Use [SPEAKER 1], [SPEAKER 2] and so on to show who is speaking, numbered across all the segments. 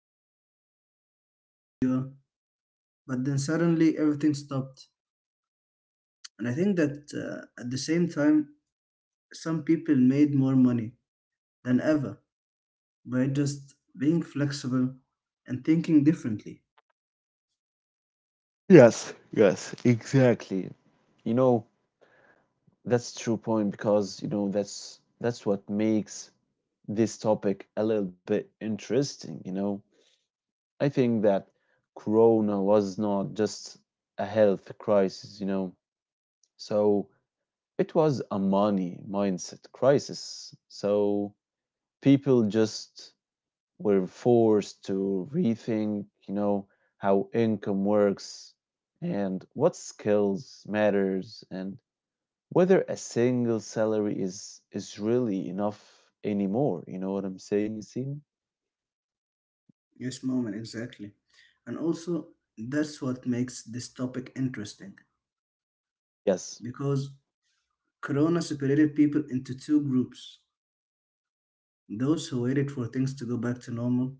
[SPEAKER 1] that people thought their jobs were secure, but then suddenly everything stopped. And I think that at the same time, some people made more money than ever by just being flexible and thinking differently.
[SPEAKER 2] Yes, yes, exactly. Exactly. You know, that's true point because you know that's what makes this topic a little bit interesting, you know. I think that corona was not just a health crisis, you know. So it was a money mindset crisis. So people just were forced to rethink, you know, how income works and what skills matters and whether a single salary is really enough anymore. You know what I'm saying, Yasin?
[SPEAKER 1] Yes, mom, and exactly. And also, that's what makes this topic interesting
[SPEAKER 2] Yes.
[SPEAKER 1] because Corona separated people into two groups, those who waited for things to go back to normal,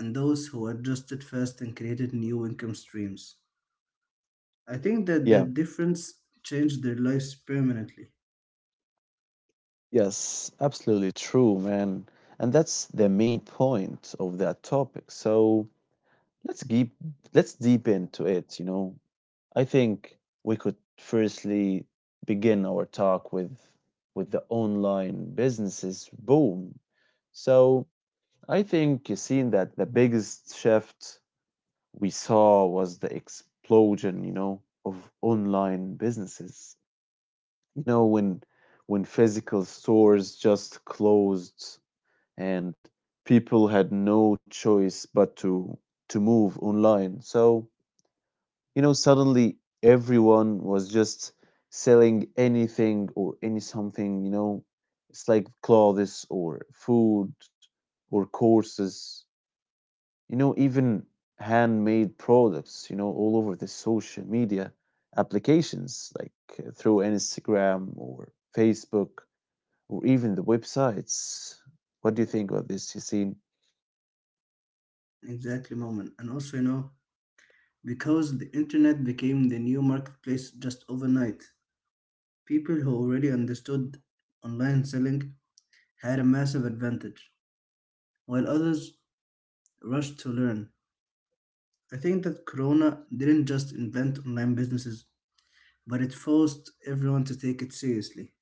[SPEAKER 1] and those who adjusted fast and created new income streams. I think that the
[SPEAKER 2] Yeah.
[SPEAKER 1] difference changed their lives permanently.
[SPEAKER 2] Yes, absolutely true, man. And that's the main point of that topic. So let's keep, let's deep into it. You know, I think we could firstly begin our talk with the online businesses boom. So I think you've that the biggest shift we saw was the explosion, you know, of online businesses. You know, when physical stores just closed and people had no choice but to move online. So you know, suddenly everyone was just selling anything or any something, you know, it's like clothes or food or courses, you know, even handmade products, you know, all over the social media applications, like through Instagram or Facebook or even the websites. What do you think about this, Yassine?
[SPEAKER 1] Exactly, moment. And also, you know, because the internet became the new marketplace just overnight, people who already understood online selling had a massive advantage, while others rushed to learn. I think that Corona didn't just invent online businesses, but it forced everyone to take it seriously.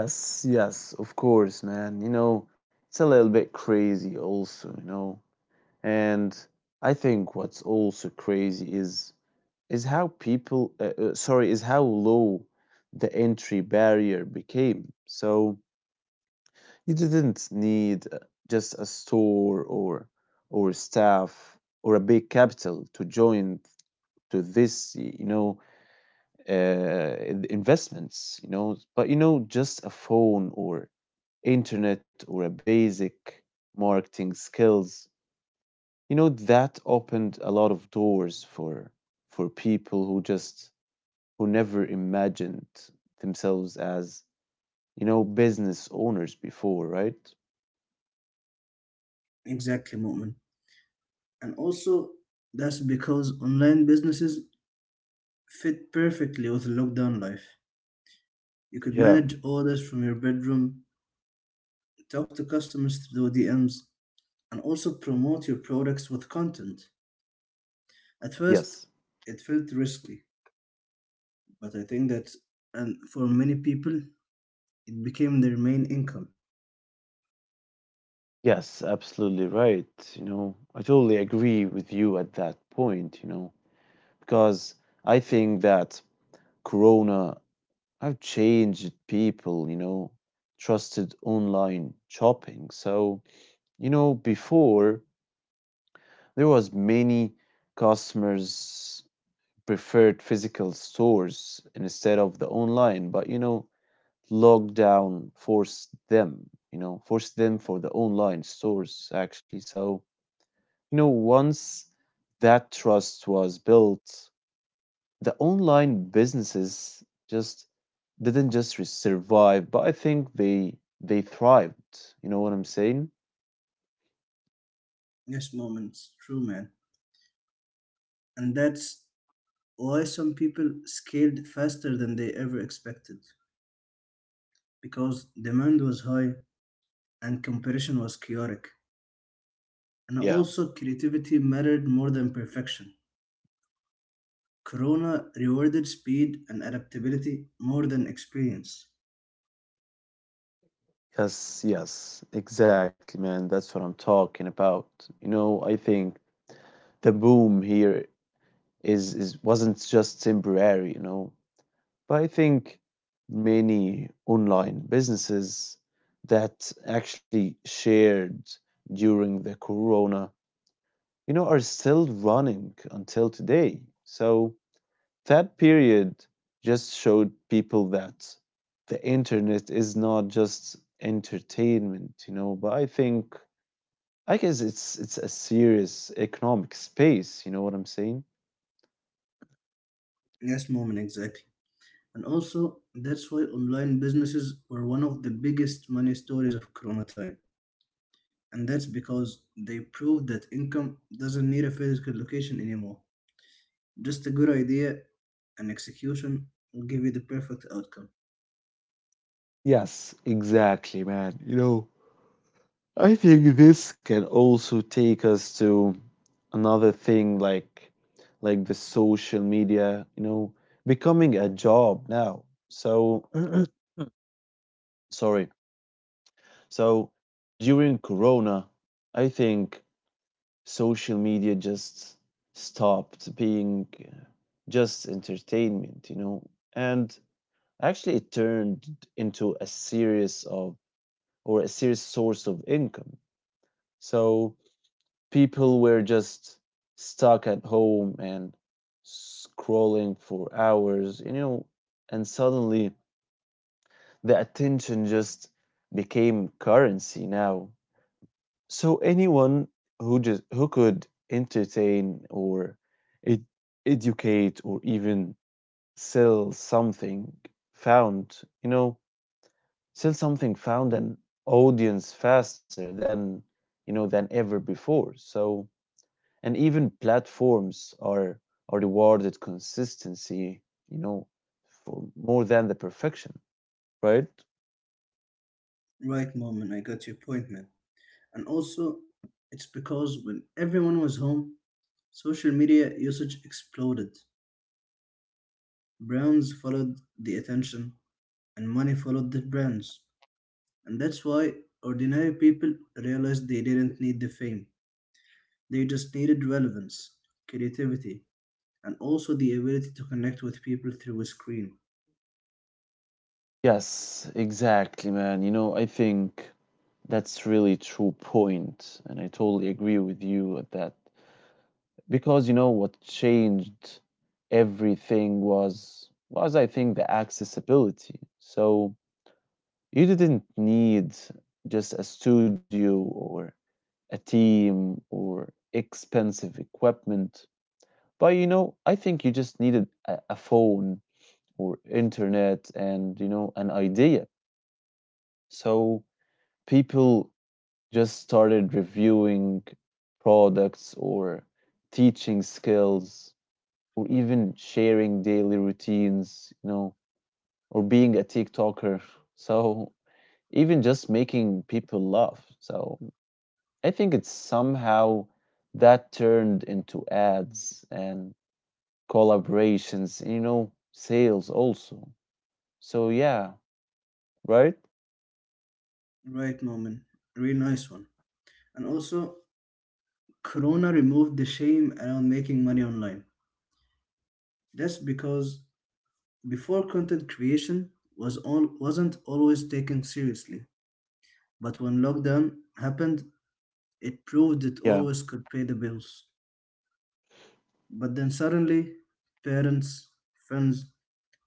[SPEAKER 2] Yes, yes, of course, man. You know, it's a little bit crazy also, you know. And I think what's also crazy is how low the entry barrier became. So you didn't need just a store or staff or a big capital to join to this, you know, investments, you know, but you know, just a phone or internet or a basic marketing skills, you know, that opened a lot of doors for people who just who never imagined themselves as, you know, business owners before, right?
[SPEAKER 1] Exactly, Mu'min. And also, that's because online businesses fit perfectly with lockdown life. You could
[SPEAKER 2] Yeah.
[SPEAKER 1] manage orders from your bedroom, talk to customers through DMs, and also promote your products with content. At first,
[SPEAKER 2] Yes.
[SPEAKER 1] it felt risky, but I think that, and for many people, it became their main income.
[SPEAKER 2] Yes, absolutely right. You know, I totally agree with you at that point, you know, because I think that Corona have changed people, you know, trusted online shopping. So you know, before there was many customers preferred physical stores instead of the online, but you know, lockdown forced them, you know, forced them for the online stores actually. So you know, once that trust was built, the online businesses just didn't just survive, but I think they thrived. You know what I'm saying?
[SPEAKER 1] Yes, moments, true, man. And that's why some people scaled faster than they ever expected because demand was high and competition was chaotic and
[SPEAKER 2] Yeah.
[SPEAKER 1] also creativity mattered more than perfection. Corona rewarded speed and adaptability more than experience.
[SPEAKER 2] Yes, yes, exactly, man. That's what I'm talking about. You know, I think the boom here is wasn't just temporary, you know. But I think many online businesses that actually shared during the corona, you know, are still running until today. So that period just showed people that the internet is not just entertainment, you know, but I think I guess it's a serious economic space, you know what I'm saying?
[SPEAKER 1] Yes, moment, exactly. And also, that's why online businesses were one of the biggest money stories of corona time, and that's because they proved that income doesn't need a physical location anymore. Just a good idea and execution will give you the perfect outcome.
[SPEAKER 2] Yes, exactly, man. You know, I think this can also take us to another thing like the social media, you know, becoming a job now. So sorry. So during corona, I think social media just stopped being just entertainment, you know. And actually it turned into a series of or a serious source of income. So people were just stuck at home and scrolling for hours, you know, and suddenly the attention just became currency now. So anyone who just who could entertain or ed- educate or even sell something found, you know, sell something found an audience faster than you know than ever before. So and even platforms are rewarded consistency, you know, for more than the perfection, right?
[SPEAKER 1] Right, Moment, I got your point, man. And also, it's because when everyone was home, social media usage exploded. Brands followed the attention, and money followed the brands. And that's why ordinary people realized they didn't need the fame, they just needed relevance, creativity, and also the ability to connect with people through a screen.
[SPEAKER 2] Yes, exactly, man. You know, I think that's really true point and I totally agree with you at that because you know what changed everything was I think the accessibility. So you didn't need just a studio or a team or expensive equipment. But you know, I think you just needed a phone or internet and you know an idea. So people just started reviewing products or teaching skills or even sharing daily routines, you know, or being a TikToker. So even just making people laugh. So I think it's somehow that turned into ads and collaborations, you know, sales also. So yeah, right?
[SPEAKER 1] Right, Moment. Really nice one. And also, Corona removed the shame around making money online. That's because before, content creation was all, wasn't always taken seriously. But when lockdown happened, it proved it
[SPEAKER 2] Yeah.
[SPEAKER 1] always could pay the bills. But then suddenly, parents, friends,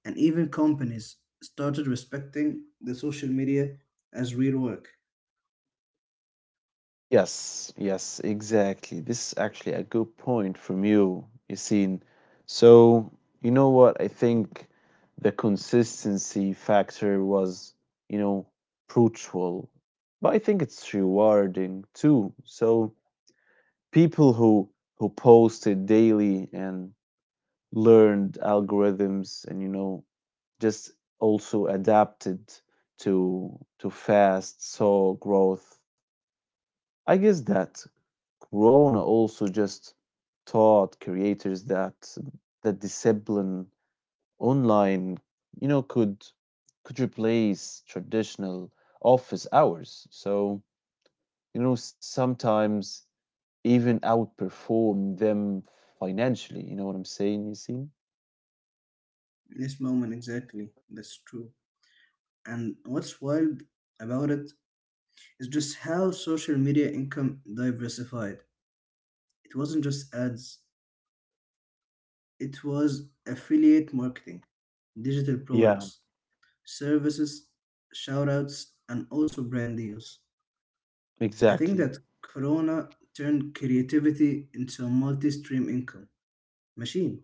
[SPEAKER 1] and even companies started respecting the social media as real work.
[SPEAKER 2] Yes, yes, exactly. This is actually a good point from you, Yassine. So you know what? I think the consistency factor was, you know, brutal, but I think it's rewarding too. So people who posted daily and learned algorithms and you know just also adapted to fast saw growth. I guess that corona also just taught creators that discipline online, you know, could replace traditional office hours. So you know sometimes even outperform them financially, you know what I'm saying, you see?
[SPEAKER 1] In this moment, exactly, that's true. And what's wild about it is just how social media income diversified. It wasn't just ads, it was affiliate marketing, digital products,
[SPEAKER 2] Yeah,
[SPEAKER 1] services, shoutouts, and also brand deals. I think that
[SPEAKER 2] exactly.
[SPEAKER 1] Corona turned creativity into a multi stream income machine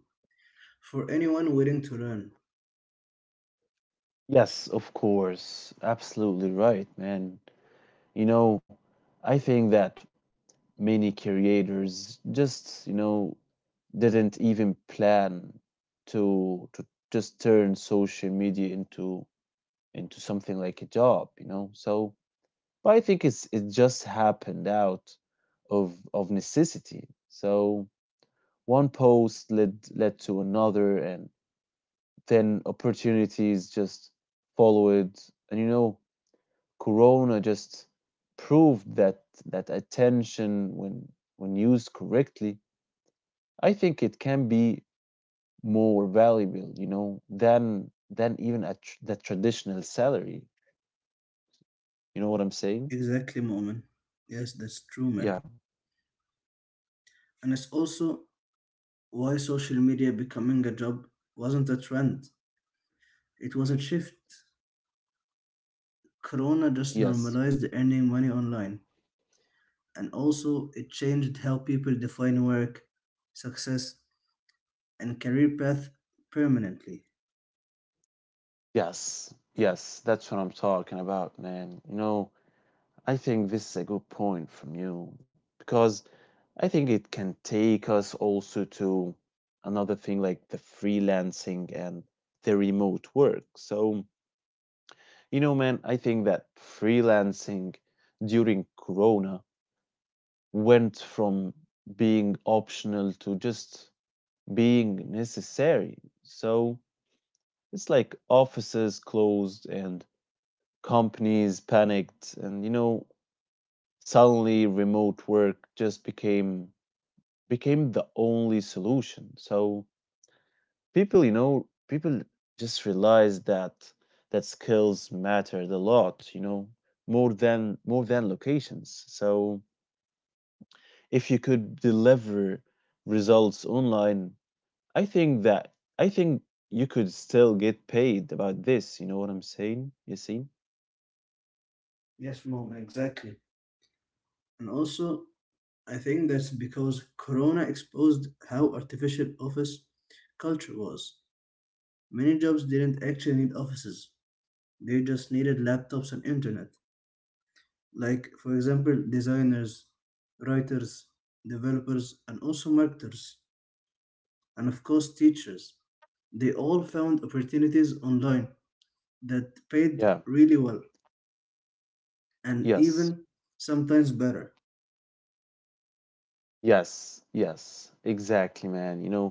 [SPEAKER 1] for anyone willing to learn.
[SPEAKER 2] Yes, of course. Absolutely right, man. You know, I think that many creators just, you know, didn't even plan to just turn social media into something like a job, you know. So but I think it's it just happened out of necessity. So one post led to another and then opportunities just followed, and you know corona just proved that attention when used correctly, I think it can be more valuable, you know, than even a the traditional salary, you know what I'm saying?
[SPEAKER 1] Exactly, Moment. Yes, that's true,
[SPEAKER 2] Yeah.
[SPEAKER 1] man. And it's also why social media becoming a job wasn't a trend, it was a shift. Corona just
[SPEAKER 2] Yes,
[SPEAKER 1] normalized earning money online, and also it changed how people define work, success, and career path permanently.
[SPEAKER 2] yes, yes, that's what I'm talking about, man. You know, I think this is a good point from you because I think it can take us also to another thing like the freelancing and the remote work. So you know, man, I think that freelancing during Corona went from being optional to just being necessary. So it's like offices closed and companies panicked and you know suddenly remote work just became the only solution. So people, you know, people just realize that skills mattered a lot, you know, more than locations. So if you could deliver results online, I think you could still get paid about this. You know what I'm saying? You see?
[SPEAKER 1] Yes, Mom, exactly. And also, I think that's because Corona exposed how artificial office culture was. Many jobs didn't actually need offices, they just needed laptops and internet. Like, for example, designers, writers, developers, and also marketers, and of course, teachers. They all found opportunities online that paid
[SPEAKER 2] Yeah.
[SPEAKER 1] really well and
[SPEAKER 2] Yes,
[SPEAKER 1] even sometimes better.
[SPEAKER 2] yes, yes, exactly, man. You know,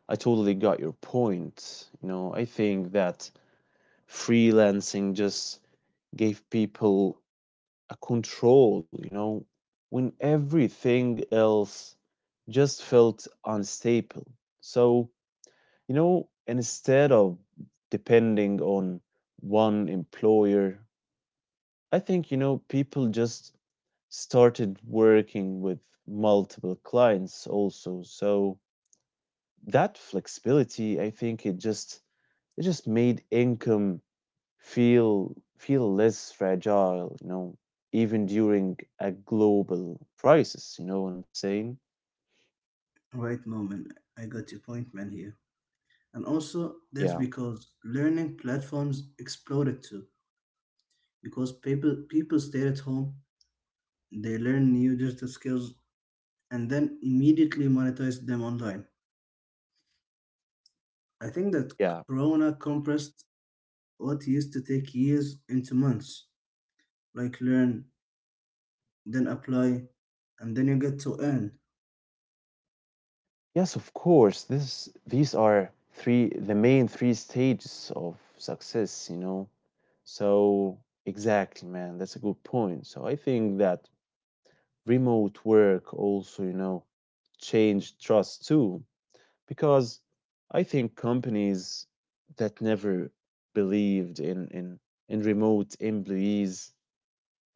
[SPEAKER 2] I totally got your point. You know, I think that freelancing just gave people a control, you know, when everything else just felt unstable. So you know, instead of depending on one employer, I think, you know, people just started working with multiple clients also. So that flexibility, I think it just made income feel less fragile, you know, even during a global crisis, you know what I'm saying?
[SPEAKER 1] Right, moment. I got your point, man, here. And also, that's
[SPEAKER 2] Yeah,
[SPEAKER 1] because learning platforms exploded too. Because people stayed at home, they learned new digital skills, and then immediately monetized them online. I think that
[SPEAKER 2] yeah.
[SPEAKER 1] Corona compressed what used to take years into months, like learn then apply, and then you get to earn.
[SPEAKER 2] Yes, of course. This, these are three the main three stages of success, you know. So exactly, man, that's a good point. So I think that remote work also, you know, changed trust too. Because I think companies that never believed in remote employees,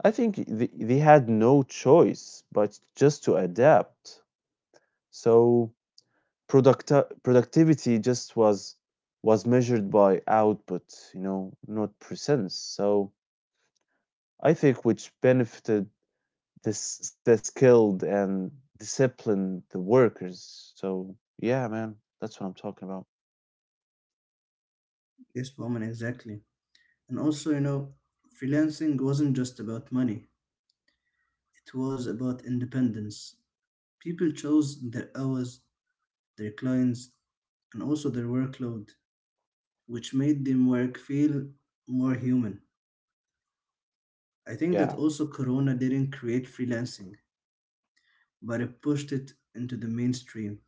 [SPEAKER 2] I think they had no choice but just to adapt. So product productivity just was measured by output, you know, not percents. So I think which benefited this the skilled and disciplined the workers. So yeah, man, that's what I'm talking about.
[SPEAKER 1] Yes, woman, exactly. And also, you know, freelancing wasn't just about money, it was about independence. People chose their hours, their clients, and also their workload, which made them work feel more human. I think that
[SPEAKER 2] Yeah.
[SPEAKER 1] also Corona didn't create freelancing, but it pushed it into the mainstream.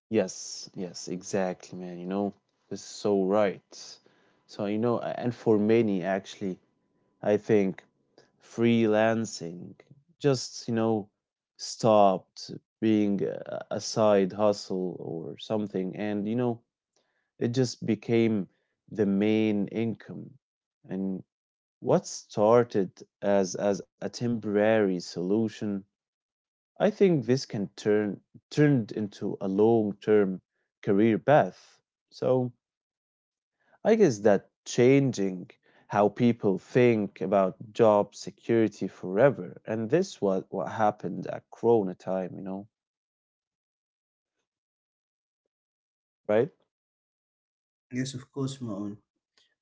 [SPEAKER 2] Yes, yes, exactly, man. You know, this is so right. So you know, and for many, actually, I think freelancing just, you know, stopped being a side hustle or something. And you know, it just became the main income. And what started as a temporary solution, I think this can turn, turned into a long-term career path. So I guess that changing how people think about job security forever, and this was what happened at Corona time, you know, right?
[SPEAKER 1] Yes, of course, Maon.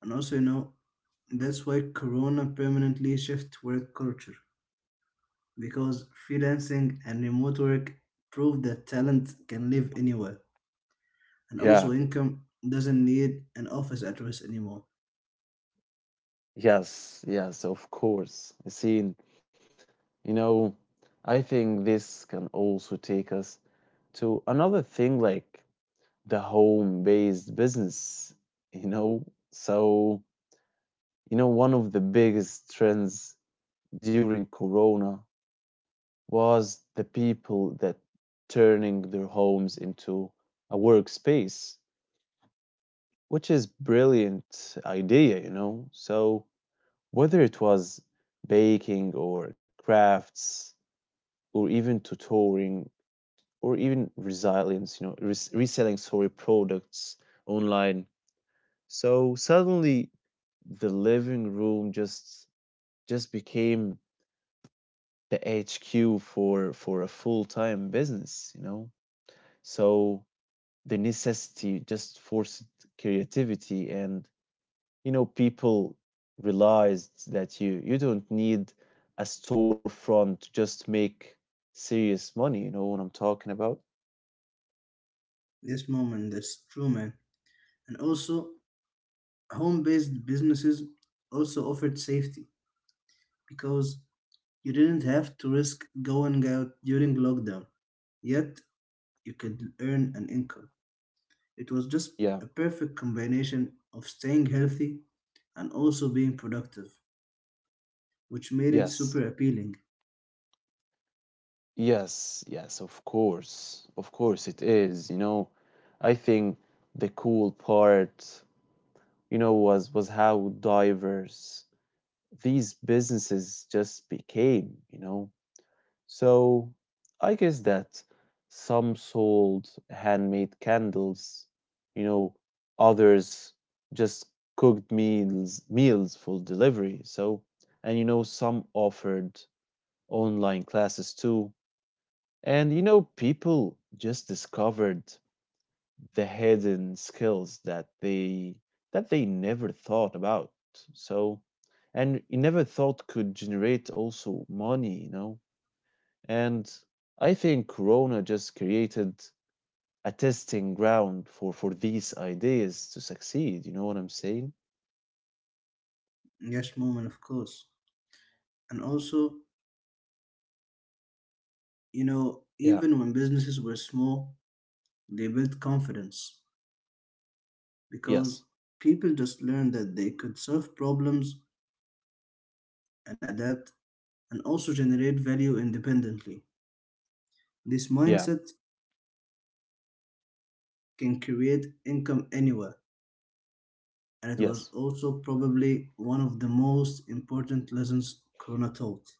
[SPEAKER 1] And also, you know, that's why Corona permanently shifted work culture because freelancing and remote work proved that talent can live anywhere, and
[SPEAKER 2] Yeah,
[SPEAKER 1] also income doesn't need an office address anymore.
[SPEAKER 2] yes, yes, of course. Seen, you know, I think this can also take us to another thing like the home-based business, you know. So you know, one of the biggest trends during Corona was the people that turning their homes into a workspace, which is brilliant idea, you know. So whether it was baking or crafts or even tutoring or even resilience, you know, reselling sorry products online. So suddenly the living room just became the HQ for a full-time business, you know? So the necessity just forced creativity and you know people realized that you don't need a storefront to just make serious money, you know what I'm talking about?
[SPEAKER 1] This moment, that's true, man. And also, home-based businesses also offered safety because you didn't have to risk going out during lockdown. Yet, you could earn an income. It was just
[SPEAKER 2] Yeah.
[SPEAKER 1] a perfect combination of staying healthy and also being productive, which made it
[SPEAKER 2] Yes.
[SPEAKER 1] super appealing.
[SPEAKER 2] Yes, yes, of course. Of course it is, you know. I think the cool part, you know, was how diverse these businesses just became, you know? So I guess that some sold handmade candles, you know, others just cooked meals for delivery. So and you know some offered online classes too. And you know people just discovered the hidden skills that they never thought about, so and you never thought could generate also money, you know. And I think Corona just created a testing ground for these ideas to succeed, you know what I'm saying?
[SPEAKER 1] Yes, moment, of course. And also, you know,
[SPEAKER 2] Yeah.
[SPEAKER 1] even when businesses were small, they built confidence because
[SPEAKER 2] Yes.
[SPEAKER 1] people just learned that they could solve problems and adapt and also generate value independently. This
[SPEAKER 2] Yeah.
[SPEAKER 1] mindset can create income anywhere, and it was
[SPEAKER 2] Yes.
[SPEAKER 1] also probably one of the most important lessons Corona taught.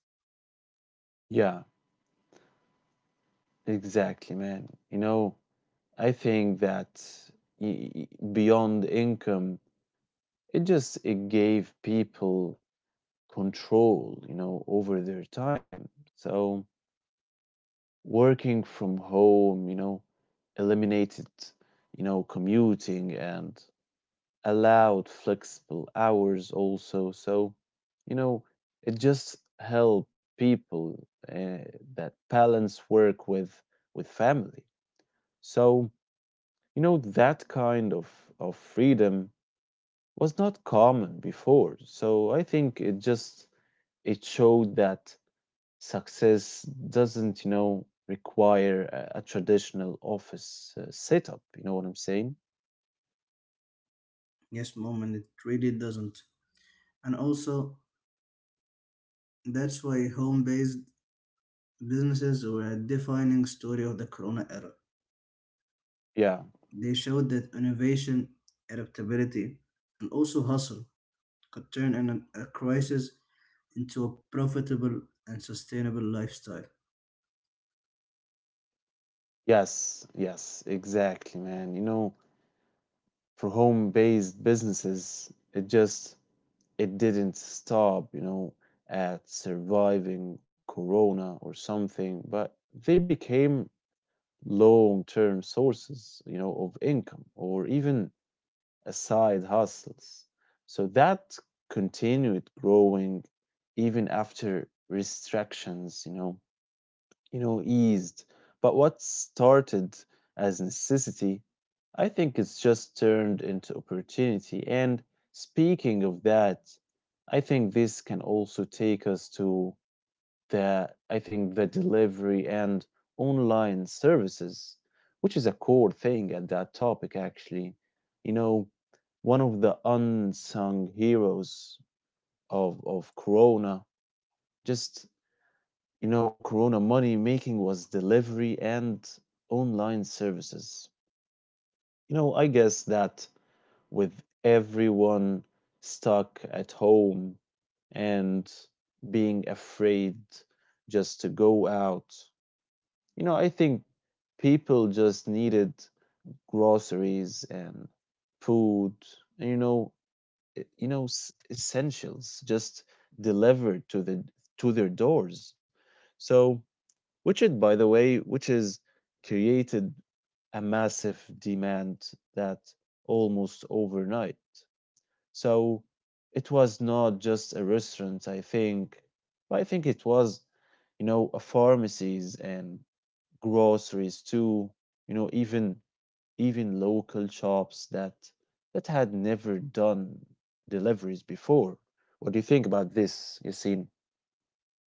[SPEAKER 2] Yeah, exactly, man. You know, I think that y- y- beyond income, it just it gave people control, you know, over their time. So working from home, you know, eliminated, you know, commuting and allowed flexible hours also. So, you know, it just helped people that balance work with family. So, you know, that kind of freedom was not common before. So I think it just it showed that success doesn't, you know, require a traditional office setup. You know what I'm saying?
[SPEAKER 1] Yes, moment, it really doesn't. And also, that's why home based businesses were a defining story of the Corona era.
[SPEAKER 2] Yeah.
[SPEAKER 1] They showed that innovation, adaptability, and also hustle could turn a crisis into a profitable and sustainable lifestyle.
[SPEAKER 2] Yes. Yes. Exactly, man. You know, for home-based businesses, it just it didn't stop. You know, at surviving Corona or something, but they became long-term sources, you know, of income or even a side hustles. So that continued growing even after restrictions, you know, eased. But what started as necessity, I think it's just turned into opportunity. And speaking of that, I think this can also take us to the I think the delivery and online services, which is a core thing at that topic actually. You know, one of the unsung heroes of Corona, just you know, Corona money making was delivery and online services. You know, I guess that with everyone stuck at home and being afraid just to go out. You know, I think people just needed groceries and food, and you know, you know, essentials just delivered to the to their doors. So, which it, by the way, which is created a massive demand that almost overnight. So it was not just a restaurant, I think, but I think it was, you know, a pharmacies and groceries to you know even local shops that had never done deliveries before. What do you think about this, Yasin?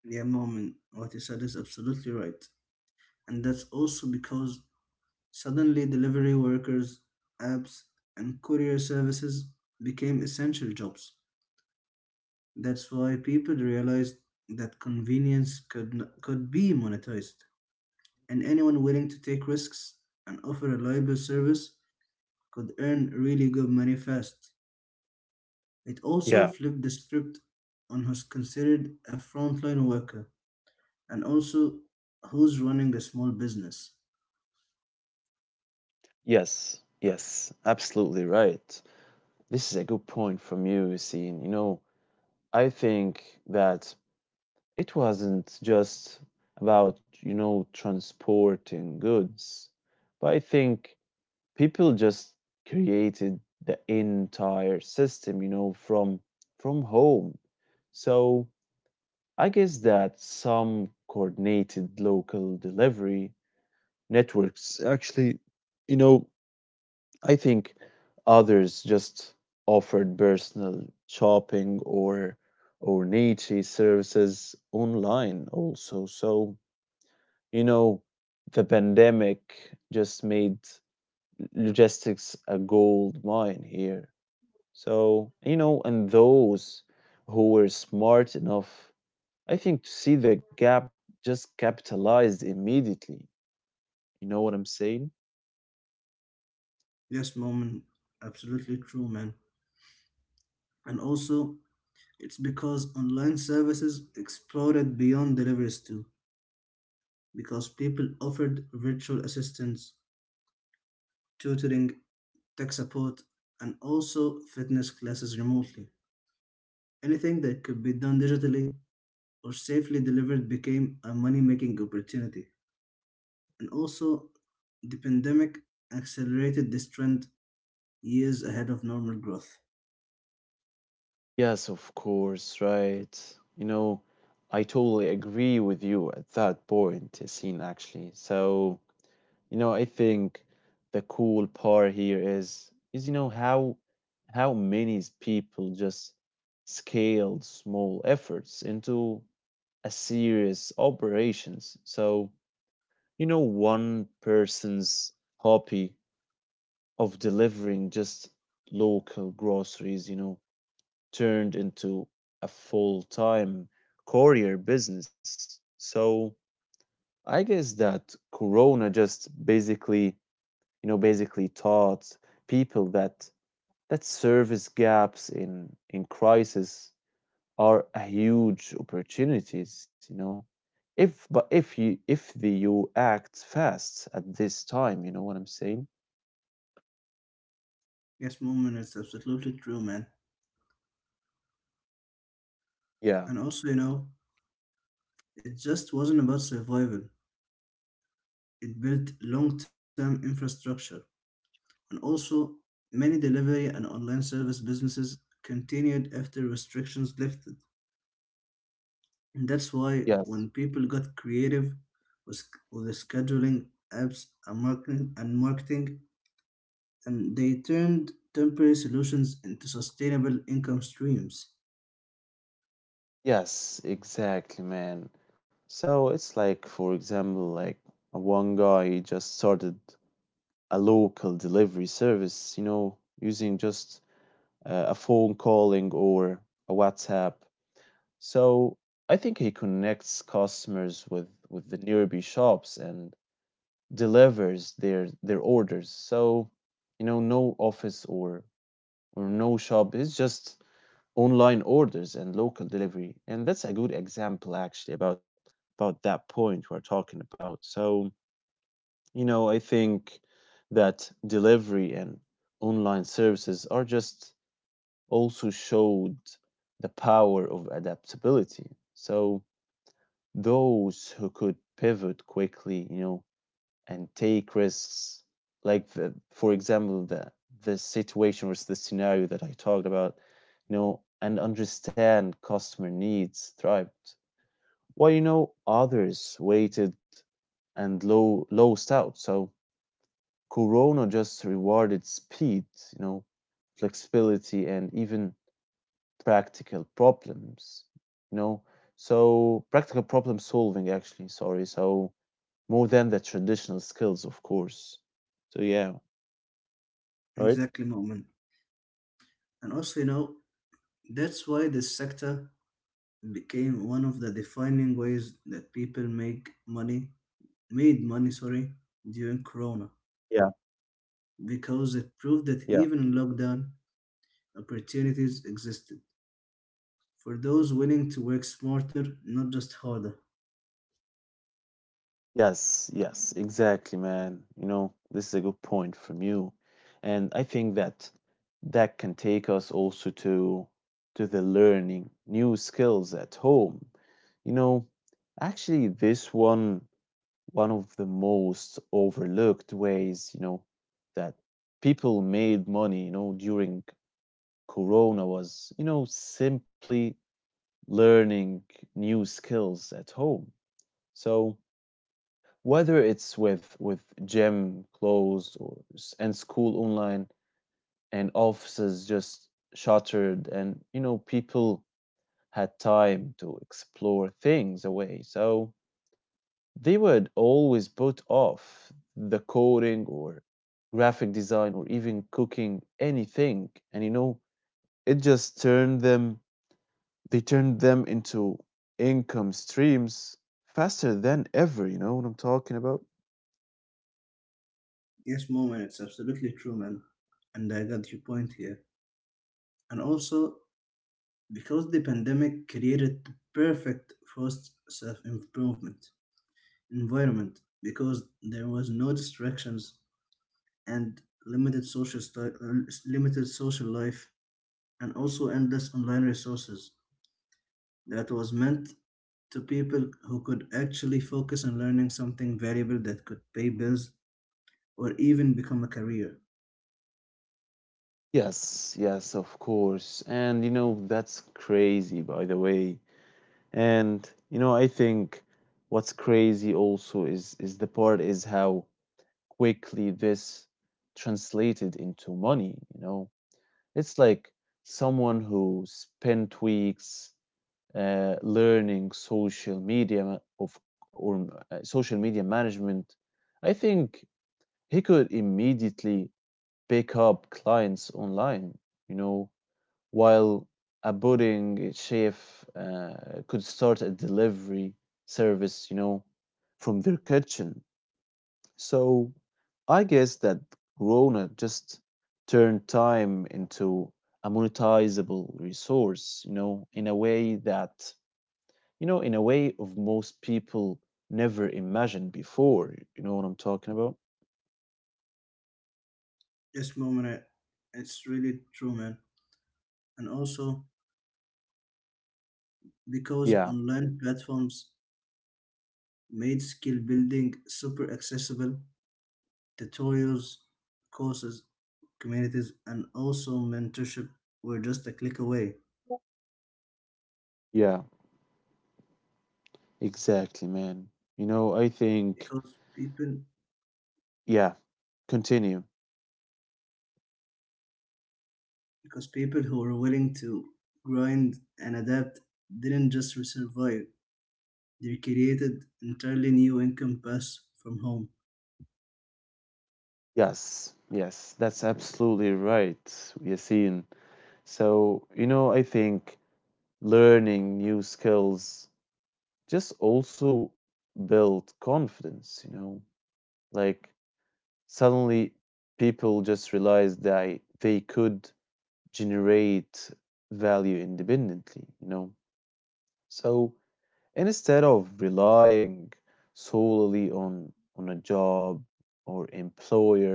[SPEAKER 1] Yeah, moment, what you said is absolutely right. And that's also because suddenly delivery workers, apps, and courier services became essential jobs. That's why people realized that convenience could be monetized, and anyone willing to take risks and offer a reliable service could earn really good money fast. It also
[SPEAKER 2] Yeah.
[SPEAKER 1] flipped the script on who's considered a frontline worker and also who's running a small business.
[SPEAKER 2] Yes. Yes, absolutely right. This is a good point from you, Yasin, you know. I think that it wasn't just about you know transporting goods, but I think people just created the entire system, you know, from home. So I guess that some coordinated local delivery networks actually, you know. I think others just offered personal shopping or niche services online also. So you know, the pandemic just made logistics a gold mine here. So, you know, and those who were smart enough, I think, to see the gap just capitalized immediately. You know what I'm saying?
[SPEAKER 1] Yes, Moment, absolutely true, man. And also, it's because online services exploded beyond deliveries too, because people offered virtual assistants, tutoring, tech support, and also fitness classes remotely. Anything that could be done digitally or safely delivered became a money making opportunity. And also, the pandemic accelerated this trend years ahead of normal growth.
[SPEAKER 2] Yes, of course, right. You know, I totally agree with you at that point, Yassine, actually. So, you know, I think the cool part here is you know how many people just scaled small efforts into a serious operations. So, you know, one person's hobby of delivering just local groceries, you know, turned into a full-time courier business. So, I guess that Corona just basically you know, basically taught people that service gaps in crisis are a huge opportunities, you know. If but if you if the you act fast at this time, you know what I'm saying?
[SPEAKER 1] Yes, moment, it's absolutely true, man. And
[SPEAKER 2] Yeah.
[SPEAKER 1] also, you know, it just wasn't about survival, it built long term infrastructure. And also, many delivery and online service businesses continued after restrictions lifted. And that's why when
[SPEAKER 2] Yes.
[SPEAKER 1] people got creative with, with the scheduling apps and marketing, and they turned temporary solutions into sustainable income streams.
[SPEAKER 2] Yes, exactly, man. So it's like, for example, like one guy he just started a local delivery service, you know, using just a phone calling or a WhatsApp. So I think he connects customers with the nearby shops and delivers their orders. So, you know, no office or no shop. It's just online orders and local delivery. And that's a good example actually about that point we're talking about. So, you know, I think that delivery and online services are just also showed the power of adaptability. So, those who could pivot quickly, you know, and take risks, like the, for example, the situation or the scenario that I talked about, you know, and understand customer needs thrived. While you know others waited and low lost out. So Corona just rewarded speed, you know, flexibility and even practical problems, you know. So practical problem solving actually, sorry. So more than the traditional skills, of course. So yeah, right?
[SPEAKER 1] Exactly, moment. And also, you know, that's why this sector became one of the defining ways that people make money made money, sorry, during corona,
[SPEAKER 2] Yeah,
[SPEAKER 1] because it proved that
[SPEAKER 2] yeah.
[SPEAKER 1] even in lockdown opportunities existed for those willing to work smarter, not just harder.
[SPEAKER 2] Yes, yes, exactly, man. You know, this is a good point from you. And I think that that can take us also to the learning new skills at home. You know, actually this one one of the most overlooked ways, you know, that people made money, you know, during Corona was, you know, simply learning new skills at home. So whether it's with gym closed or and school online and offices just shuttered, and you know people had time to explore things away. So they would always put off the coding or graphic design or even cooking anything, and you know it just turned them. They turned them into income streams faster than ever. You know what I'm talking about?
[SPEAKER 1] Yes, mom, and it's absolutely true, man. And I got your point here. And also, because the pandemic created the perfect forced self-improvement environment because there was no distractions, and limited social sti- uh, limited social life and also endless online resources, that was meant to people who could actually focus on learning something valuable that could pay bills or even become a career.
[SPEAKER 2] Yes, yes, of course. And you know, that's crazy, by the way. And you know, I think what's crazy also is the part is how quickly this translated into money, you know. It's like someone who spent weeks learning social media of or social media management, I think he could immediately pick up clients online. You know, while a budding chef could start a delivery service. You know, from their kitchen. So I guess that Corona just turned time into a monetizable resource. You know, in a way that you know, in a way of most people never imagined before. You know what I'm talking about?
[SPEAKER 1] This moment, I, it's really true, man. And also because
[SPEAKER 2] Yeah,
[SPEAKER 1] online platforms made skill building super accessible, tutorials, courses, communities, and also mentorship were just a click away
[SPEAKER 2] yeah, exactly, man. You know, I think,
[SPEAKER 1] because
[SPEAKER 2] yeah, continue.
[SPEAKER 1] people who were willing to grind and adapt didn't just survive, they created entirely new income paths from home.
[SPEAKER 2] Yes, yes, that's absolutely right, Yasin. So, you know, I think learning new skills just also build confidence, you know, like suddenly people just realize that they could generate value independently, you know? So instead of relying solely on, a job or employer,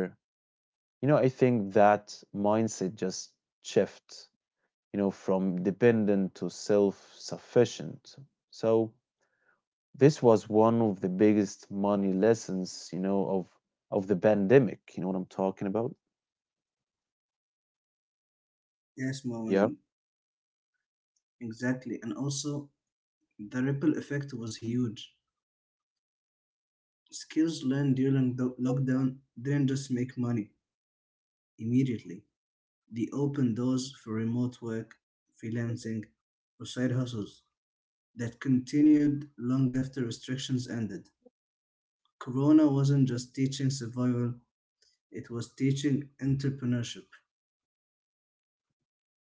[SPEAKER 2] you know, I think that mindset just shifts, you know, from dependent to self sufficient. So this was one of the biggest money lessons, you know, of the pandemic. You know what I'm talking about?
[SPEAKER 1] Yes, Moen,
[SPEAKER 2] Yeah.
[SPEAKER 1] exactly. And also, the ripple effect was huge. Skills learned during the lockdown didn't just make money immediately, they opened doors for remote work, freelancing, or side hustles that continued long after restrictions ended. Corona wasn't just teaching survival, it was teaching entrepreneurship.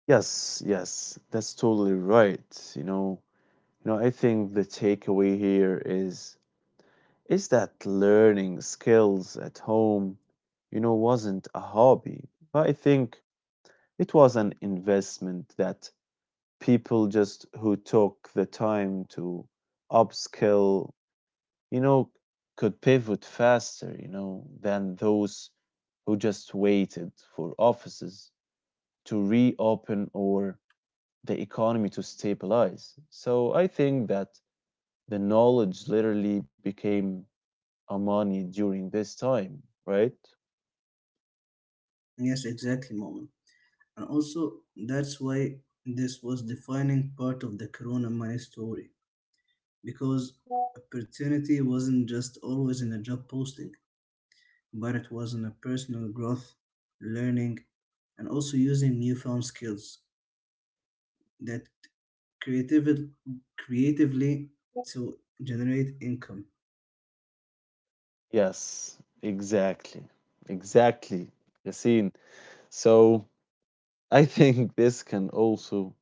[SPEAKER 2] Yes, yes, that's totally right. You know, I think the takeaway here is that learning skills at home, you know, wasn't a hobby, but I think it was an investment that people just who took the time to upskill, you know, could pivot faster, you know, than those who just waited for offices to reopen or the economy to stabilize. So I think that the knowledge literally became a money during this time, right?
[SPEAKER 1] Yes, exactly, Moment. And also, that's why this was defining part of the Corona money story because opportunity wasn't just always in a job posting, but it was in a personal growth, learning, and also using newfound skills that creative, creatively to generate income.
[SPEAKER 2] Yes, exactly. Exactly, Yassine. So I think this can also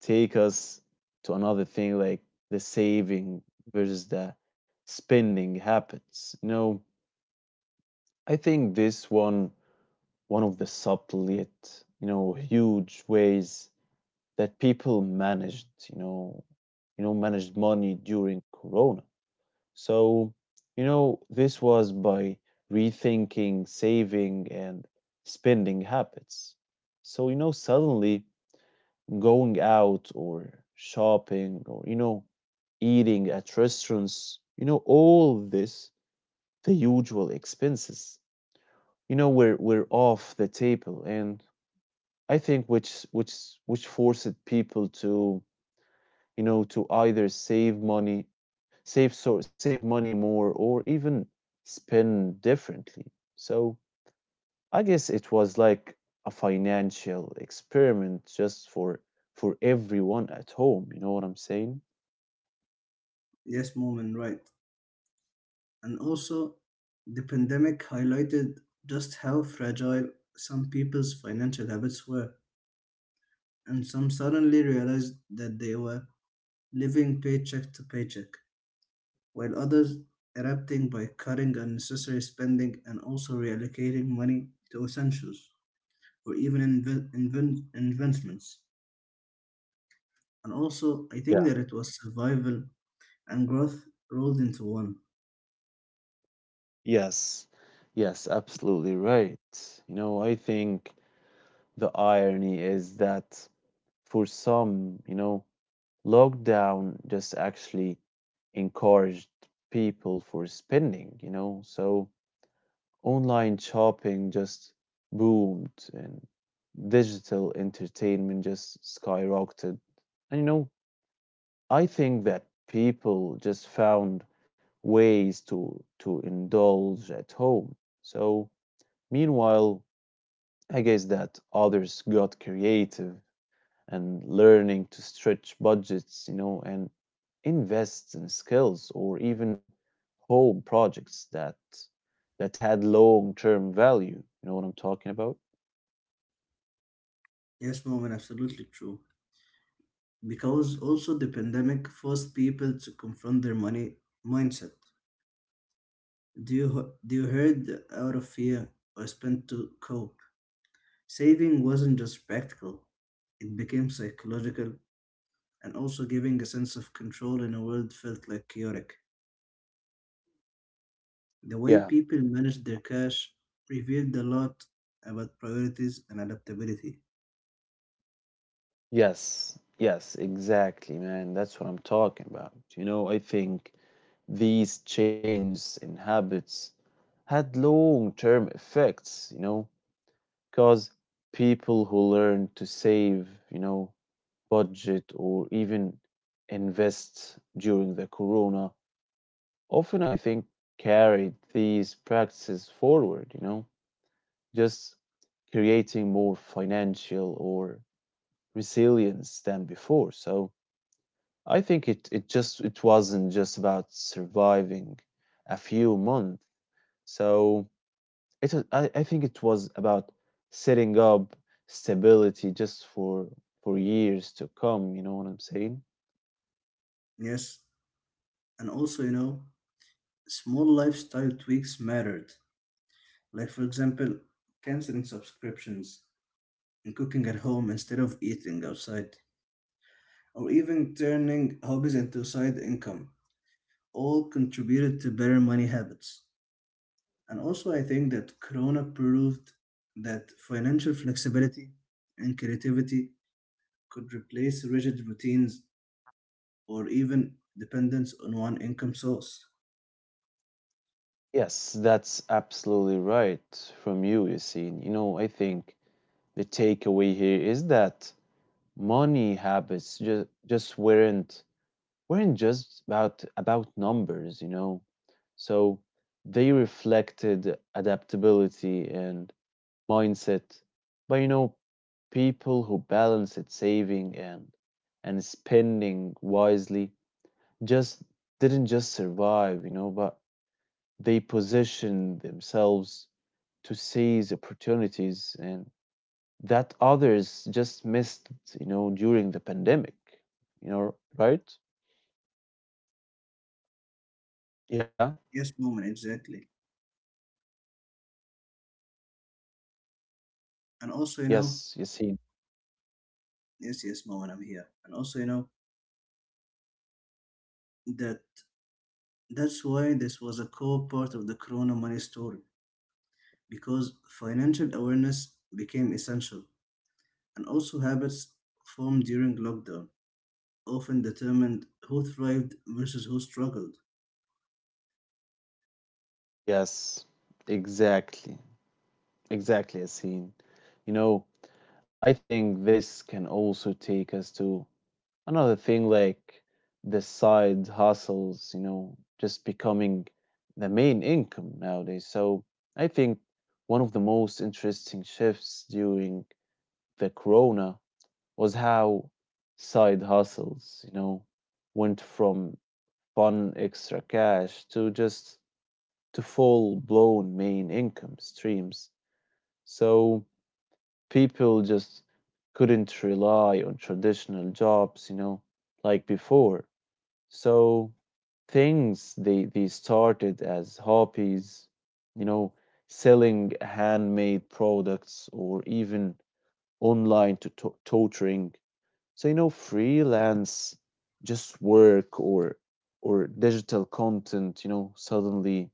[SPEAKER 2] take us to another thing like the saving versus the spending habits. You know, I think this one one of the subtle yet, you know, huge ways that people managed, you know, managed money during Corona. So, you know, this was by rethinking saving and spending habits. So, you know, suddenly going out or shopping or, you know, eating at restaurants, you know, all this, the usual expenses, you know, we're off the table. And I think which forced people to, you know, to either save money save money more or even spend differently. So I guess it was like a financial experiment just for everyone at home, you know what I'm saying?
[SPEAKER 1] Yes, Moment, right. And also, the pandemic highlighted just how fragile some people's financial habits were, and some suddenly realized that they were living paycheck to paycheck, while others adapting by cutting unnecessary spending and also reallocating money to essentials or even investments. And also, I
[SPEAKER 2] Yeah.
[SPEAKER 1] think that it was survival and growth rolled into one.
[SPEAKER 2] Yes. Yes, absolutely right. You know, I think the irony is that for some, you know, lockdown just actually encouraged people for spending, you know. So online shopping just boomed and digital entertainment just skyrocketed. And you know, I think that people just found ways to indulge at home. So meanwhile, I guess that others got creative and learning to stretch budgets, you know, and invest in skills or even home projects that had long-term value. You know what I'm talking about?
[SPEAKER 1] Yes, Moment, absolutely true. Because also the pandemic forced people to confront their money mindset. Do you do you heard out of fear or spent to cope? Saving wasn't just practical; it became psychological and also giving a sense of control in a world felt like chaotic. The way
[SPEAKER 2] Yeah.
[SPEAKER 1] people managed their cash revealed a lot about priorities and adaptability.
[SPEAKER 2] Yes. Yes, exactly, man. That's what I'm talking about. You know, I think these changes in habits had long-term effects, you know, because people who learn to save, you know, budget or even invest during the corona often I think carried these practices forward, just creating more financial or resilience than before. So I think it just it wasn't just about surviving a few months. So I think it was about setting up stability just for years to come, you know what I'm saying?
[SPEAKER 1] Yes, and also you know, small lifestyle tweaks mattered. Like for example, canceling subscriptions and cooking at home instead of eating outside, or even turning hobbies into side income, all contributed to better money habits. And also, I think that Corona proved that financial flexibility and creativity could replace rigid routines or even dependence on one income source.
[SPEAKER 2] Yes, that's absolutely right from you, Yassine. You know, I think the takeaway here is that money habits just weren't just about numbers, you know. So they reflected adaptability and mindset. But you know, people who balance it saving and spending wisely just didn't just survive, you know, but they position themselves to seize opportunities and that others just missed, you know, during the pandemic, you know, right? Yeah.
[SPEAKER 1] Yes, moment, exactly. And also, you know,
[SPEAKER 2] Yes, Yassine.
[SPEAKER 1] yes, yes, moment, I'm here. And also, you know, that that's why this was a core part of the Corona money story because financial awareness became essential, and also habits formed during lockdown often determined who thrived versus who struggled.
[SPEAKER 2] Yes, exactly. Exactly, Yassine. You know, I think this can also take us to another thing like the side hustles, you know, just becoming the main income nowadays. So I think one of the most interesting shifts during the corona was how side hustles, you know, went from fun extra cash to just to full blown main income streams. So people just couldn't rely on traditional jobs, you know, like before. So things they started as hobbies, you know, selling handmade products or even online tutoring. So you know, freelance just work or digital content, you know, suddenly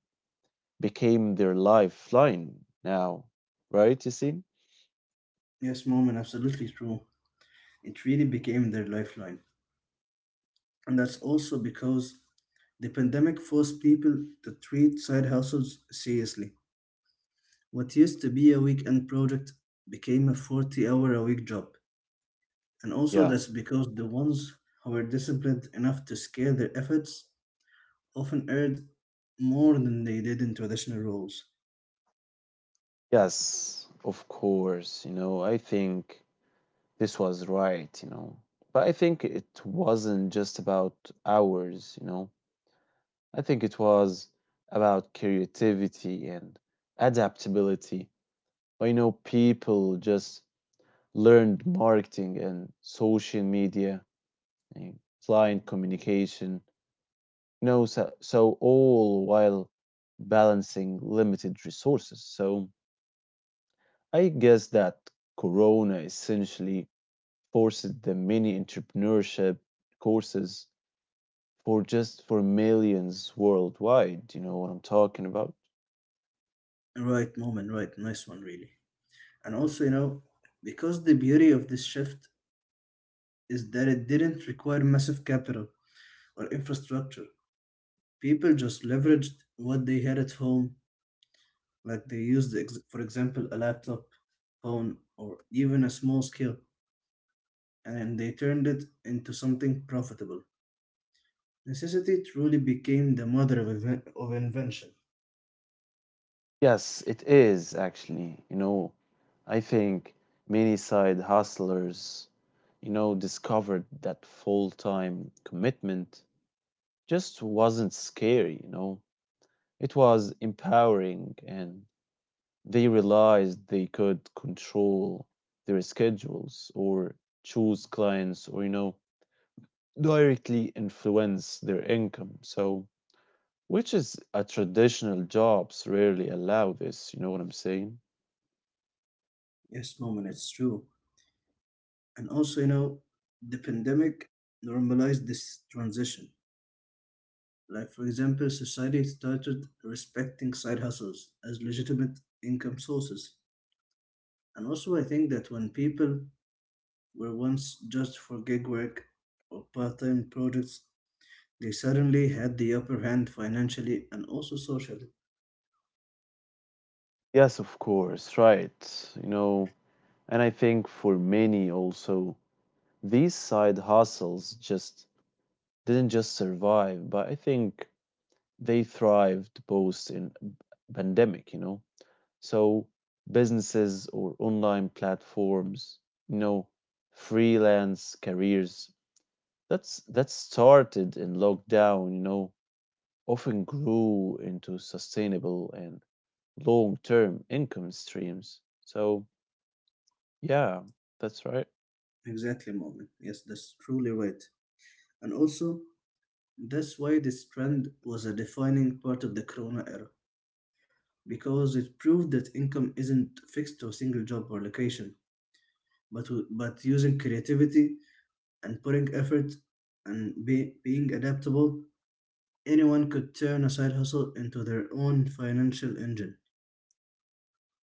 [SPEAKER 2] became their lifeline now, right? You see?
[SPEAKER 1] Yes, mom, and absolutely true. It really became their lifeline. And that's also because the pandemic forced people to treat side hustles seriously. What used to be a weekend project became a 40 hour a week job. And also,
[SPEAKER 2] Yeah.
[SPEAKER 1] that's because the ones who were disciplined enough to scale their efforts often earned more than they did in traditional roles.
[SPEAKER 2] Yes, of course. You know, I think this was right, you know. But I think it wasn't just about hours, you know. I think it was about creativity and adaptability. But you know, people just learned marketing and social media and client communication, you know, so all while balancing limited resources. So I guess that Corona essentially forced the mini entrepreneurship courses for millions worldwide. You know what I'm talking about?
[SPEAKER 1] Right, moment, right, nice one, really. And also, you know, because the beauty of this shift is that it didn't require massive capital or infrastructure, people just leveraged what they had at home, like they used, for example, a laptop, phone, or even a small skill, and they turned it into something profitable. Necessity truly became the mother of, of invention.
[SPEAKER 2] Yes, it is actually. You know, I think many side hustlers, you know, discovered that full-time commitment just wasn't scary, you know. It was empowering and they realized they could control their schedules or choose clients or, you know, directly influence their income. So which is a traditional jobs rarely allow this, you know what I'm saying?
[SPEAKER 1] Yes, moment, it's true. And also, you know, the pandemic normalized this transition. Like, for example, society started respecting side hustles as legitimate income sources. And also, I think that when people were once judged for gig work or part time projects, they suddenly had the upper hand financially and also socially.
[SPEAKER 2] Yes, of course, right. You know, and I think for many also, these side hustles just didn't just survive, but I think they thrived post in pandemic, you know. So businesses or online platforms, you know, freelance careers, that started in lockdown, you know, often grew into sustainable and long term income streams. So, yeah, that's right.
[SPEAKER 1] Exactly, moment. Yes, that's truly right. And also, that's why this trend was a defining part of the Corona era because it proved that income isn't fixed to a single job or location, but but using creativity and putting effort and being adaptable, anyone could turn a side hustle into their own financial engine.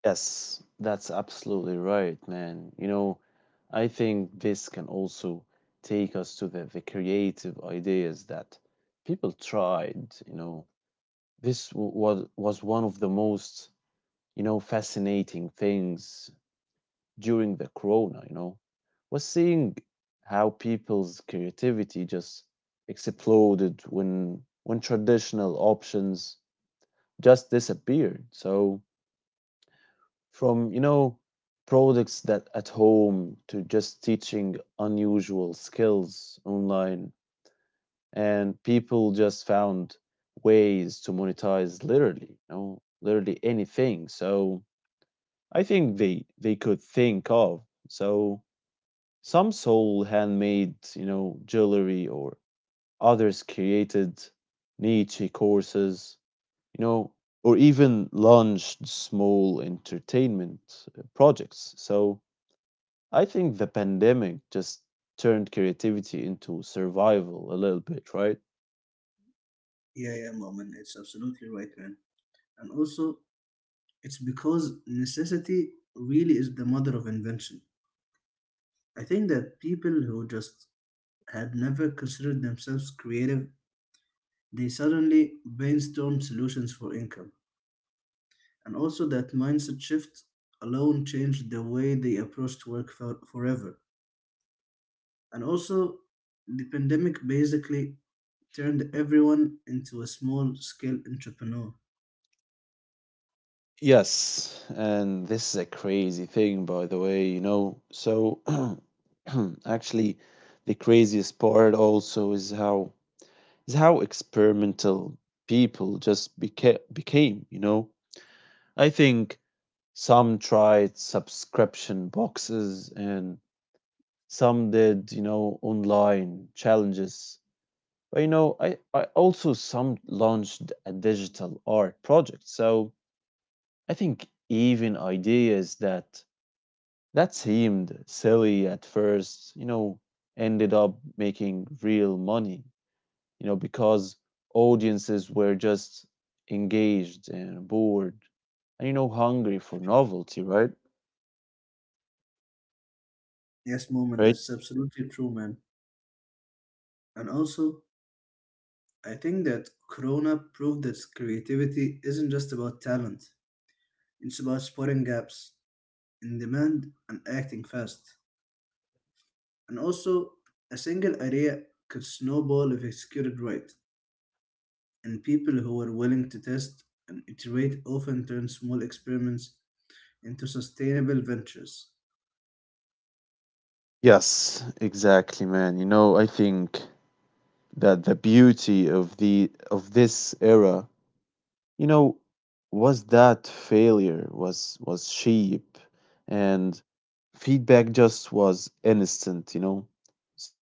[SPEAKER 2] Yes, that's absolutely right, man. You know, I think this can also take us to the creative ideas that people tried. You know, this was one of the most, you know, fascinating things during the corona, you know, was seeing how people's creativity just exploded when traditional options just disappeared. So from, you know, products that at home to just teaching unusual skills online, and people just found ways to monetize literally, you know, literally anything. So I think they could think of. So some sold handmade, you know, jewelry or others created niche courses, you know, or even launched small entertainment projects. So I think the pandemic just turned creativity into survival a little bit, right?
[SPEAKER 1] Yeah, yeah, Moman, it's absolutely right, man. And also, it's because necessity really is the mother of invention. I think that people who just had never considered themselves creative, they suddenly brainstorm solutions for income. And also, that mindset shift alone changed the way they approached work forever. And also, the pandemic basically turned everyone into a small scale entrepreneur.
[SPEAKER 2] Yes, and this is a crazy thing, by the way, you know. So, actually, the craziest part also is how experimental people just became, you know? I think some tried subscription boxes and some did, you know, online challenges. But, you know, I also some launched a digital art project. So I think even ideas that seemed silly at first, you know, ended up making real money, you know, because audiences were just engaged and bored and, you know, hungry for novelty, right?
[SPEAKER 1] Yes, moment,
[SPEAKER 2] Right?
[SPEAKER 1] that's absolutely true, man. And also, I think that Corona proved that creativity isn't just about talent, it's about spotting gaps in demand and acting fast. And also, a single idea could snowball if executed right. And people who are willing to test and iterate often turn small experiments into sustainable ventures.
[SPEAKER 2] Yes, exactly, man. You know, I think that the beauty of the of this era, you know, was that failure was cheap and feedback just was instant, you know.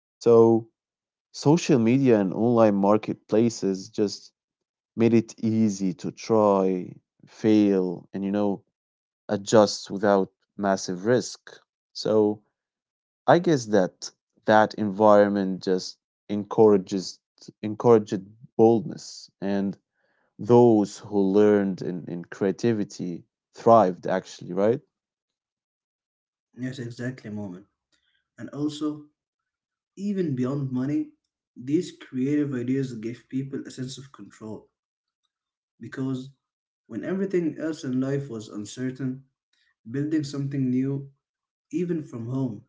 [SPEAKER 2] So social media and online marketplaces just made it easy to try, fail, and, you know, adjust without massive risk. So I guess that that environment just encourages encouraged boldness and those who learned in creativity thrived actually, right?
[SPEAKER 1] Yes, exactly, moment. And also, even beyond money, these creative ideas gave people a sense of control because when everything else in life was uncertain, building something new, even from home,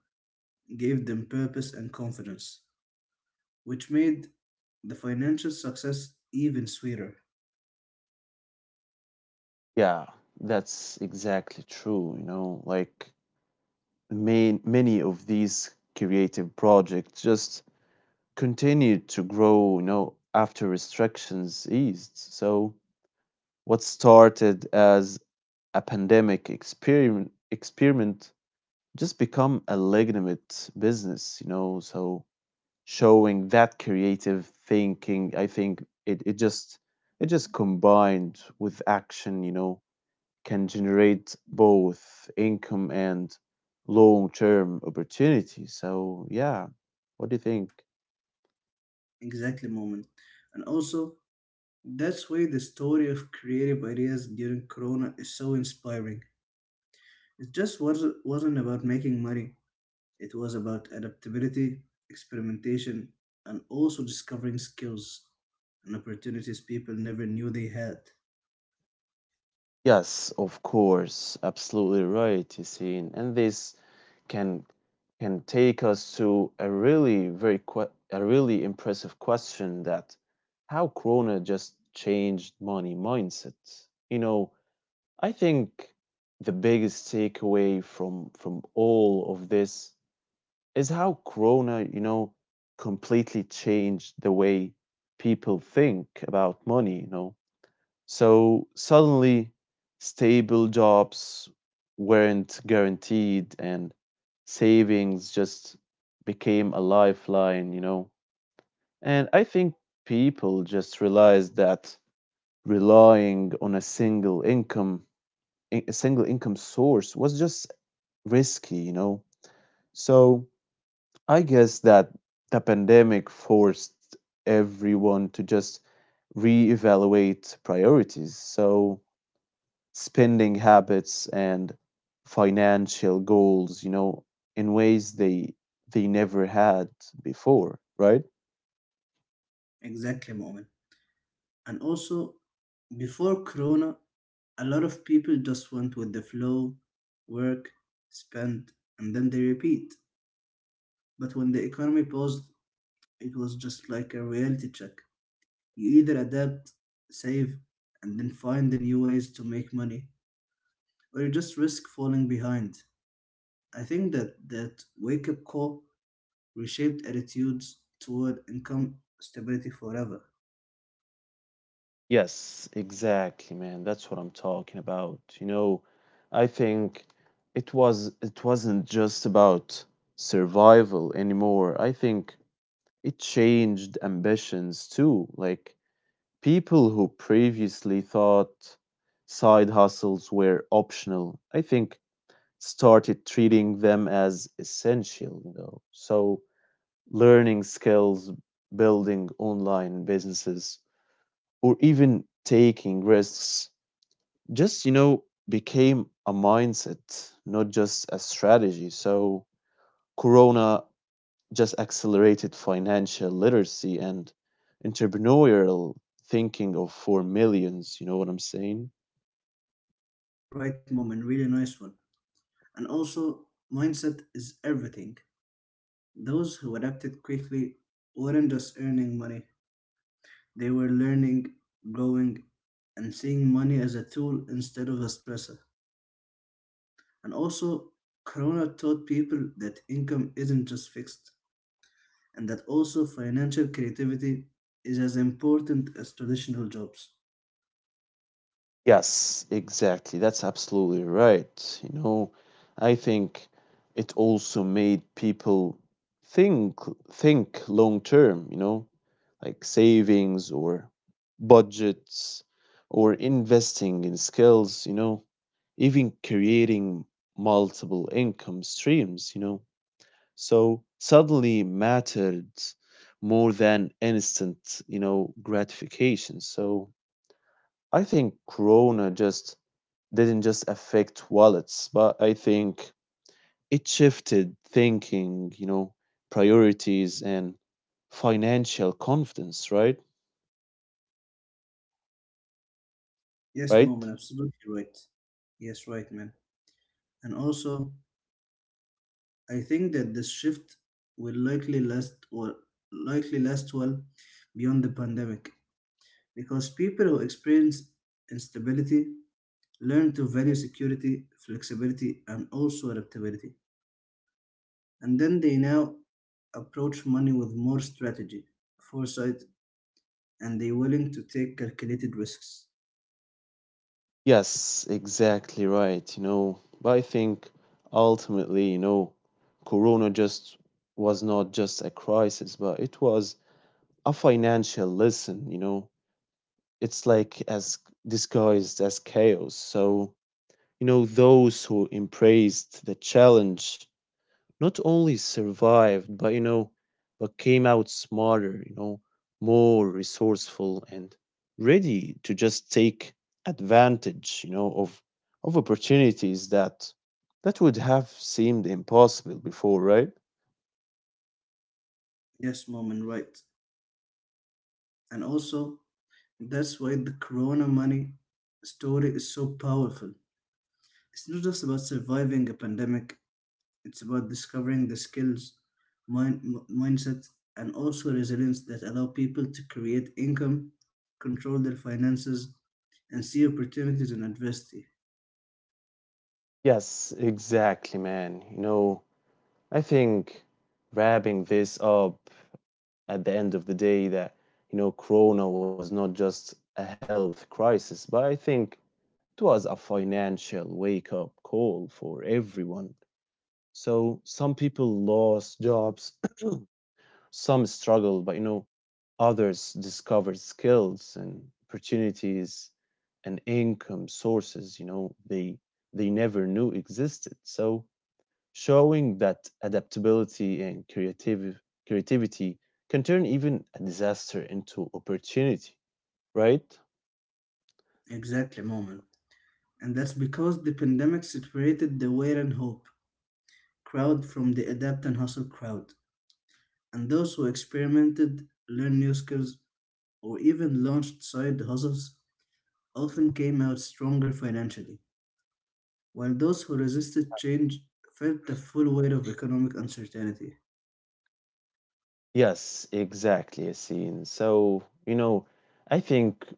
[SPEAKER 1] gave them purpose and confidence, which made the financial success even sweeter.
[SPEAKER 2] Yeah, that's exactly true, you know, like main many of these creative projects just continued to grow, you know, after restrictions eased. So, what started as a pandemic experiment just become a legitimate business, you know, so showing that creative thinking, I think it just it just combined with action, you know, can generate both income and long-term opportunity. So, yeah, what do you think?
[SPEAKER 1] Exactly, moment. And also, that's why the story of creative ideas during Corona is so inspiring. It just wasn't about making money, it was about adaptability, experimentation, and also discovering skills and opportunities people never knew they had.
[SPEAKER 2] Yes, of course, absolutely right, Yasin. And this can can take us to a really a really impressive question that how Corona just changed money mindset. You know, I think the biggest takeaway from all of this is how Corona, you know, completely changed the way people think about money. You know, so suddenly, stable jobs weren't guaranteed, and savings just became a lifeline, you know? And I think people just realized that relying on a single income source was just risky, you know? So I guess that the pandemic forced everyone to just reevaluate priorities. So spending habits and financial goals, you know, in ways they never had before, right?
[SPEAKER 1] Exactly, moment. And also, before Corona, a lot of people just went with the flow, work, spend, and then they repeat. But when the economy paused, it was just like a reality check. You either adapt, save, and then find the new ways to make money, or you just risk falling behind. I think that wake-up call reshaped attitudes toward income stability forever.
[SPEAKER 2] Yes, exactly, man. That's what I'm talking about. You know, I think it wasn't just about survival anymore. I think it changed ambitions too. Like people who previously thought side hustles were optional, I think started treating them as essential, you know. So learning skills, building online businesses, or even taking risks just, you know, became a mindset, not just a strategy. So Corona just accelerated financial literacy and entrepreneurial thinking of for millions, you know what I'm saying?
[SPEAKER 1] Right, moment, really nice one. And also, mindset is everything. Those who adapted quickly weren't just earning money; they were learning, growing, and seeing money as a tool instead of a stressor. And also, Corona taught people that income isn't just fixed, and that also financial creativity is as important as traditional jobs.
[SPEAKER 2] Yes, exactly. That's absolutely right. You know, I think it also made people think think long term, you know, like savings or budgets or investing in skills, you know, even creating multiple income streams, you know. So suddenly mattered more than instant, you know, gratification. So I think Corona just didn't just affect wallets, but I think it shifted thinking, you know, priorities and financial confidence, right?
[SPEAKER 1] Yes, mom,
[SPEAKER 2] Right?
[SPEAKER 1] and absolutely right. Yes, right, man. And also, I think that this shift will likely last well beyond the pandemic because people who experience instability learn to value security, flexibility, and also adaptability. And then they now approach money with more strategy, foresight, and they willing to take calculated risks.
[SPEAKER 2] Yes, exactly right, you know. But I think ultimately, you know, Corona just was not just a crisis, but it was a financial lesson, you know. It's like as disguised as chaos. So, you know, those who embraced the challenge not only survived, but you know, but came out smarter, you know, more resourceful and ready to just take advantage, you know, of opportunities that would have seemed impossible before, right?
[SPEAKER 1] Yes, mom, right. And also, that's why the Corona money story is so powerful. It's not just about surviving a pandemic, it's about discovering the skills, mindset, and also resilience that allow people to create income, control their finances, and see opportunities in adversity.
[SPEAKER 2] Yes, exactly, man. You know, I think wrapping this up at the end of the day that, you know, Corona was not just a health crisis, but I think it was a financial wake up call for everyone. So some people lost jobs, some struggled, but you know, others discovered skills and opportunities and income sources, you know, they never knew existed. So showing that adaptability and creative creativity can turn even a disaster into opportunity, right?
[SPEAKER 1] Exactly, mom. And that's because the pandemic separated the wait and hope crowd from the adapt and hustle crowd. And those who experimented, learned new skills, or even launched side hustles often came out stronger financially, while those who resisted change felt the full weight of economic uncertainty.
[SPEAKER 2] Yes, exactly, Yasin. So, you know, I think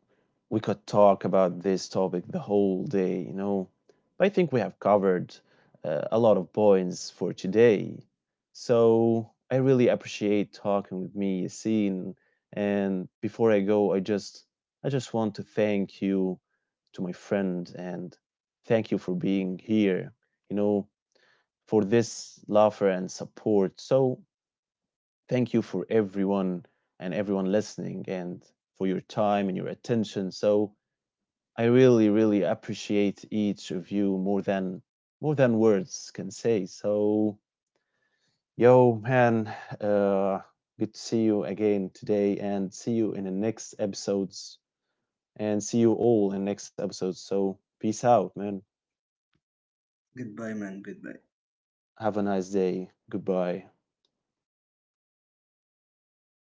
[SPEAKER 2] we could talk about this topic the whole day, you know, but I think we have covered a lot of points for today. So, I really appreciate talking with me, Yasin. And before I go, I just want to thank you to my friend and thank you for being here, you know, for this laughter and support. So, thank you for everyone and everyone listening and for your time and your attention. So I really, really appreciate each of you more than words can say. So yo man, uh good to see you again today and see you in the next episodes and see you all in next episodes. So peace out, man.
[SPEAKER 1] Goodbye, man, goodbye.
[SPEAKER 2] Have a nice day. Goodbye.